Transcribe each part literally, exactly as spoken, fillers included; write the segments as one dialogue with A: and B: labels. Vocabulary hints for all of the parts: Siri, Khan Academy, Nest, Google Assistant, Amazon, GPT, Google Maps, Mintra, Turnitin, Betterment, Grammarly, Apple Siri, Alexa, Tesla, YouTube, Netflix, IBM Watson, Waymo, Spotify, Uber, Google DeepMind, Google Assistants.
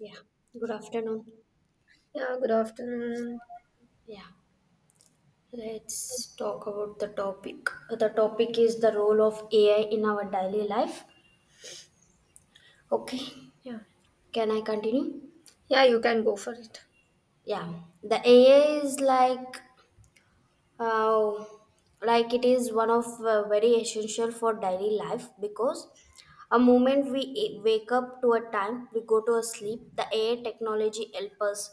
A: Yeah, good afternoon.
B: Yeah, good afternoon.
A: Yeah, let's talk about the topic. The topic is the role of A I in our daily life. Okay,
B: Yeah,
A: can I continue?
B: yeah, you can go for it.
A: Yeah, the A I is like uh, like it is one of uh, very essential for daily life because a moment we a- wake up to a time we go to a sleep the AI technology help us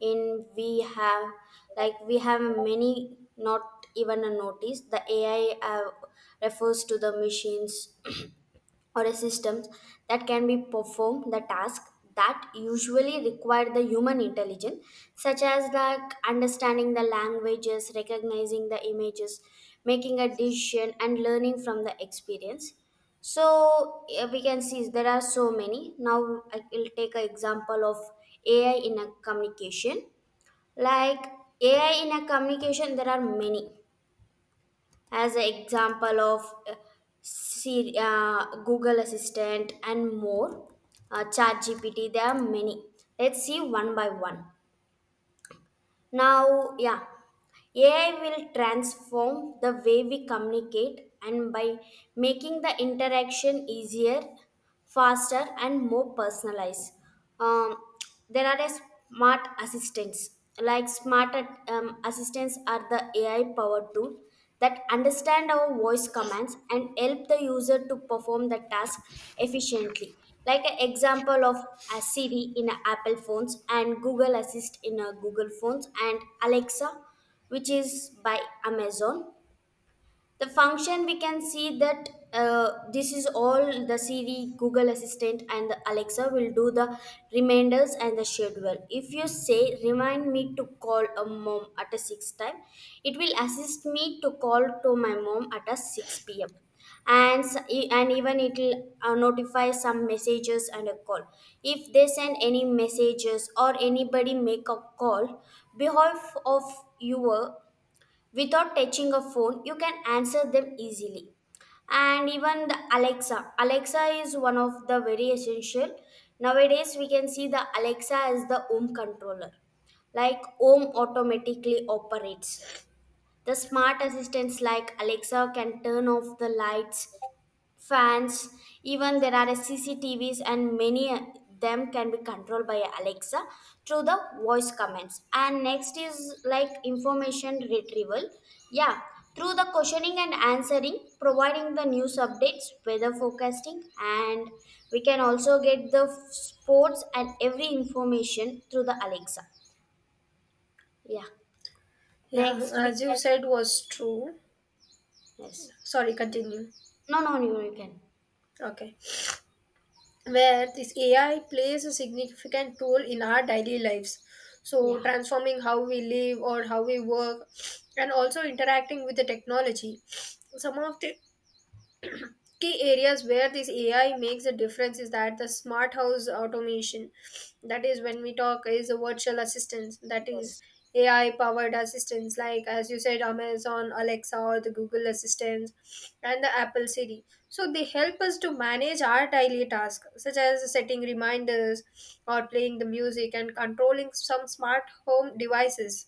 A: in we have like we have many not even a notice the AI uh, refers to the machines or a system that can be perform the task that usually require the human intelligence such as like understanding the languages recognizing the images making a decision and learning from the experience. So eh, we can see there are so many. Now I will take an example of AI in a communication. Like AI in a communication there are many. As an example of uh, Siri, uh, Google Assistant and more, uh, G P T. There are many. Let's see one by one. Now, yeah, A I will transform the way we communicate and by making the interaction easier, faster, and more personalized. Um, there are a smart assistants. Like smart um, assistants are the A I powered tool that understand our voice commands and help the user to perform the task efficiently. Like an example of a Siri in a Apple phones and Google Assist in a Google phones and Alexa which is by Amazon. The function we can see that uh, this is all the Siri, Google Assistant, and the Alexa will do the reminders and the schedule. If you say remind me to call a mom at a six time, it will assist me to call to my mom at a six p m and s- e- and even it will uh, notify some messages and a call. If they send any messages or anybody make a call, behalf of you without touching a phone you can answer them easily. And even the alexa alexa is one of the very essential nowadays. We can see the Alexa as the home controller, like home automatically operates. The smart assistants like Alexa can turn off the lights, fans, even there are CCTVs and many uh, them can be controlled by Alexa through the voice commands. And next is like information retrieval, yeah, through the questioning and answering, providing the news updates, weather forecasting, and we can also get the f- sports and every information through the Alexa. Yeah.
B: Yeah,
A: Next we
B: as you
A: can.
B: said was true.
A: Yes.
B: Sorry, continue.
A: No, no, you you can.
B: Okay. Where this A I plays a significant role in our daily lives. So,
A: Yeah.
B: transforming how we live or how we work, and also interacting with the technology. Some of the key areas where this A I makes a difference is that the smart house automation, that is when we talk is the virtual assistants. That is
A: Yes.
B: A I powered assistants like, as you said, Amazon Alexa or the Google Assistants and the Apple Siri. So they help us to manage our daily tasks such as setting reminders or playing the music and controlling some smart home devices,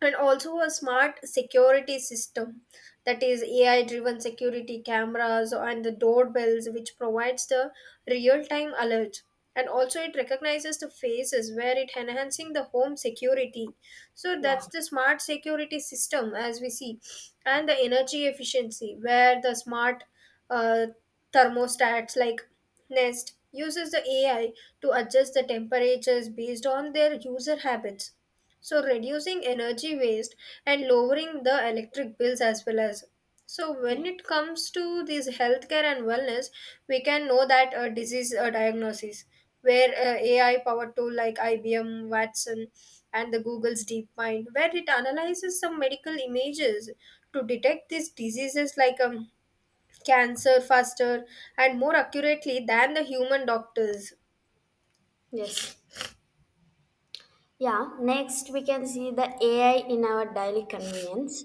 B: and also a smart security system. That is A I driven security cameras and the doorbells, which provides the real time alerts, and also it recognizes the faces where it enhancing the home security. So
A: Yeah,
B: that's the smart security system as we see, and the energy efficiency where the smart uh, thermostats like Nest uses the A I to adjust the temperatures based on their user habits, so reducing energy waste and lowering the electric bills, as well as so when
A: yeah.
B: it comes to this healthcare and wellness, we can know that a disease uh, diagnosis, where uh, A I powered tool like I B M Watson and the Google's DeepMind, where it analyzes some medical images to detect these diseases like um, cancer faster and more accurately than the human doctors.
A: Yes. Yeah, next we can see the A I in our daily convenience.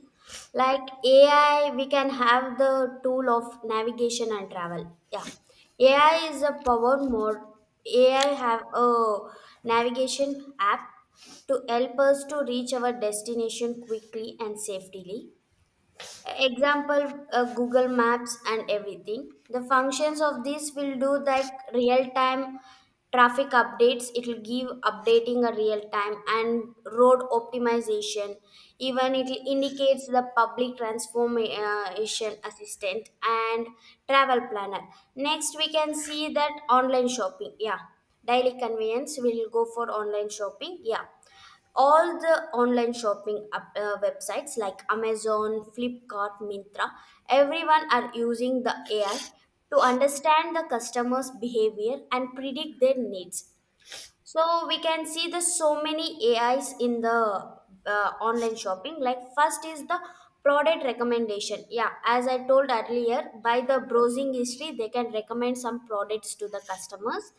A: Like A I, we can have the tool of navigation and travel. Yeah, A I is a power mode. A I have a navigation app to help us to reach our destination quickly and safely. Example, uh, Google Maps and everything. The functions of this will do like real time traffic updates. It will give updating a real time and road optimization. Even it indicates the public transformation assistant and travel planner. Next we can see that online shopping, yeah, daily convenience. We will go for online shopping, yeah. All the online shopping up, uh, websites like Amazon, Flipkart, Mintra, everyone are using the AI to understand the customer's behavior and predict their needs. So we can see the so many A Is in the uh, online shopping. Like first is the product recommendation. Yeah, as I told earlier, by the browsing history, they can recommend some products to the customers.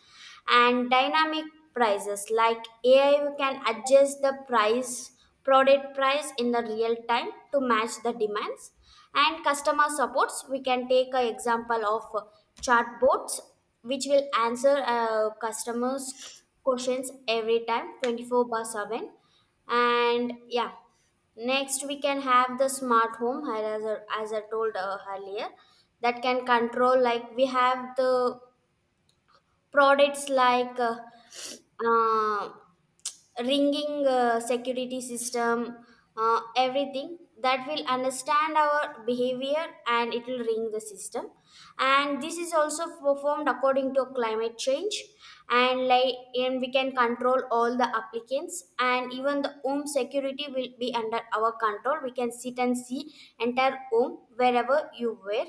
A: And dynamic prices, like A I can adjust the price, product price in the real time to match the demands. And customer supports, we can take an example of uh, chatbots, which will answer uh, customers questions every time twenty-four by seven. And yeah, next we can have the smart home as I, as I told uh, earlier that can control. Like we have the products like uh, uh, ringing uh, security system, uh, everything that will understand our behavior and it will ring the system. And this is also performed according to climate change. And like, and we can control all the applicants and even the home security will be under our control. We can sit and see entire home wherever you were,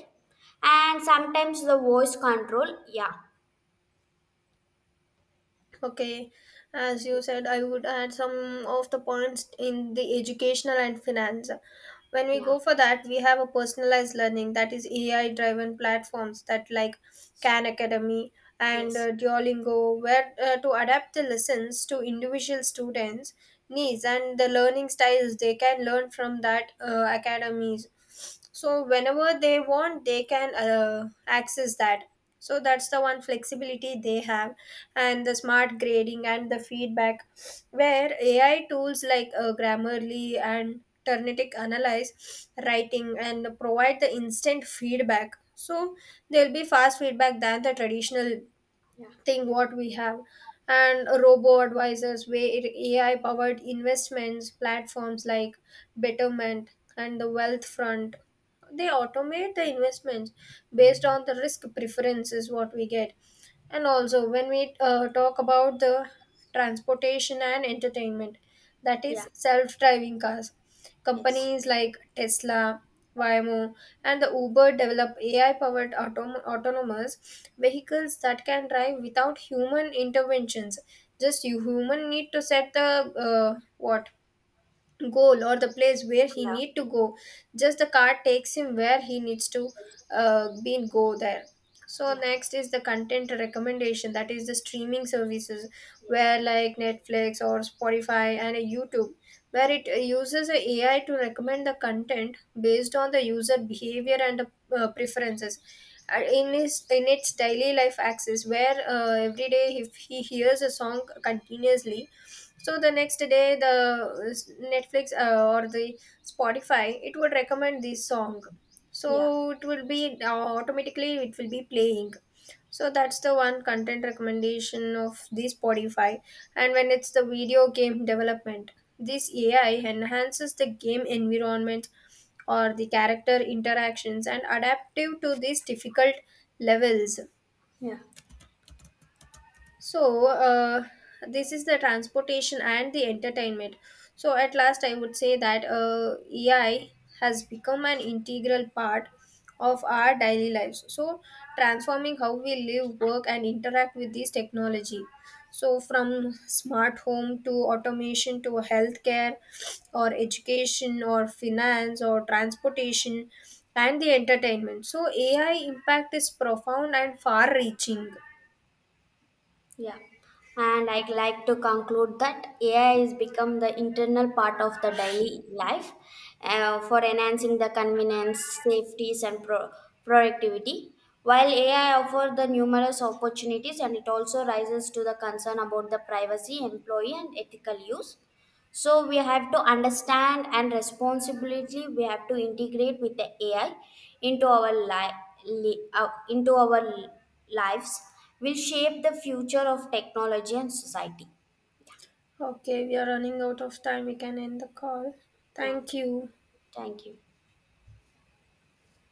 A: and sometimes the voice control. Yeah,
B: Okay, as you said, I would add some of the points in the educational and finance. When we
A: yeah.
B: go for that, we have a personalized learning, that is A I driven platforms that like Khan Academy and
A: Yes.
B: uh, Duolingo, where uh, to adapt the lessons to individual students' needs and the learning styles they can learn from that uh, academies. So, whenever they want, they can uh, access that. So, that's the one flexibility they have, and the smart grading and the feedback, where A I tools like uh, Grammarly and Turnitic analyze writing and provide the instant feedback, so there'll be fast feedback than the traditional
A: Yeah.
B: thing what we have, and robo advisors where A I powered investments platforms like Betterment and the Wealth Front, they automate the investments based on the risk preferences what we get. And also, when we uh, talk about the transportation and entertainment, that is
A: Yeah.
B: self-driving cars.
A: Yes.
B: Companies like Tesla, Waymo, and the Uber develop A I powered autom- autonomous vehicles that can drive without human interventions. Just you human need to set the uh, what goal or the place where he
A: Yeah.
B: need to go, just the car takes him where he needs to
A: Yes.
B: uh, be and go there. So
A: Yeah.
B: next is the content recommendation, that is the streaming services
A: Yes.
B: where like Netflix or Spotify and a YouTube, where it uh, uses a AI to recommend the content based on the user behavior and the uh, preferences. Uh, in his in its daily life axis, where uh, every day if he hears a song continuously, so the next day the uh, Netflix uh, or the Spotify, it would recommend this song, so
A: Yeah.
B: it will be uh, automatically it will be playing. So that's the one content recommendation of the Spotify. And when it's the video game development, this A I enhances the game environment or the character interactions and adaptive to these difficult levels.
A: Yeah.
B: So, uh, this is the transportation and the entertainment. So, at last, I would say that uh, A I has become an integral part of our daily lives. So, transforming how we live, work, and interact with this technology. So, from smart home to automation to healthcare or education or finance or transportation and the entertainment. So, A I impact is profound and far reaching.
A: Yeah. And I'd like to conclude that A I has become the internal part of the daily life uh, for enhancing the convenience, safeties, and pro- productivity. While A I offers the numerous opportunities, and it also rises to the concern about the privacy, employee, and ethical use. So we have to understand and responsibility. We have to integrate with the AI into our life, li- uh, into our lives, will shape the future of technology and society.
B: Okay, we are running out of time. We can end the call.
A: Yeah,
B: Thank you.
A: thank you.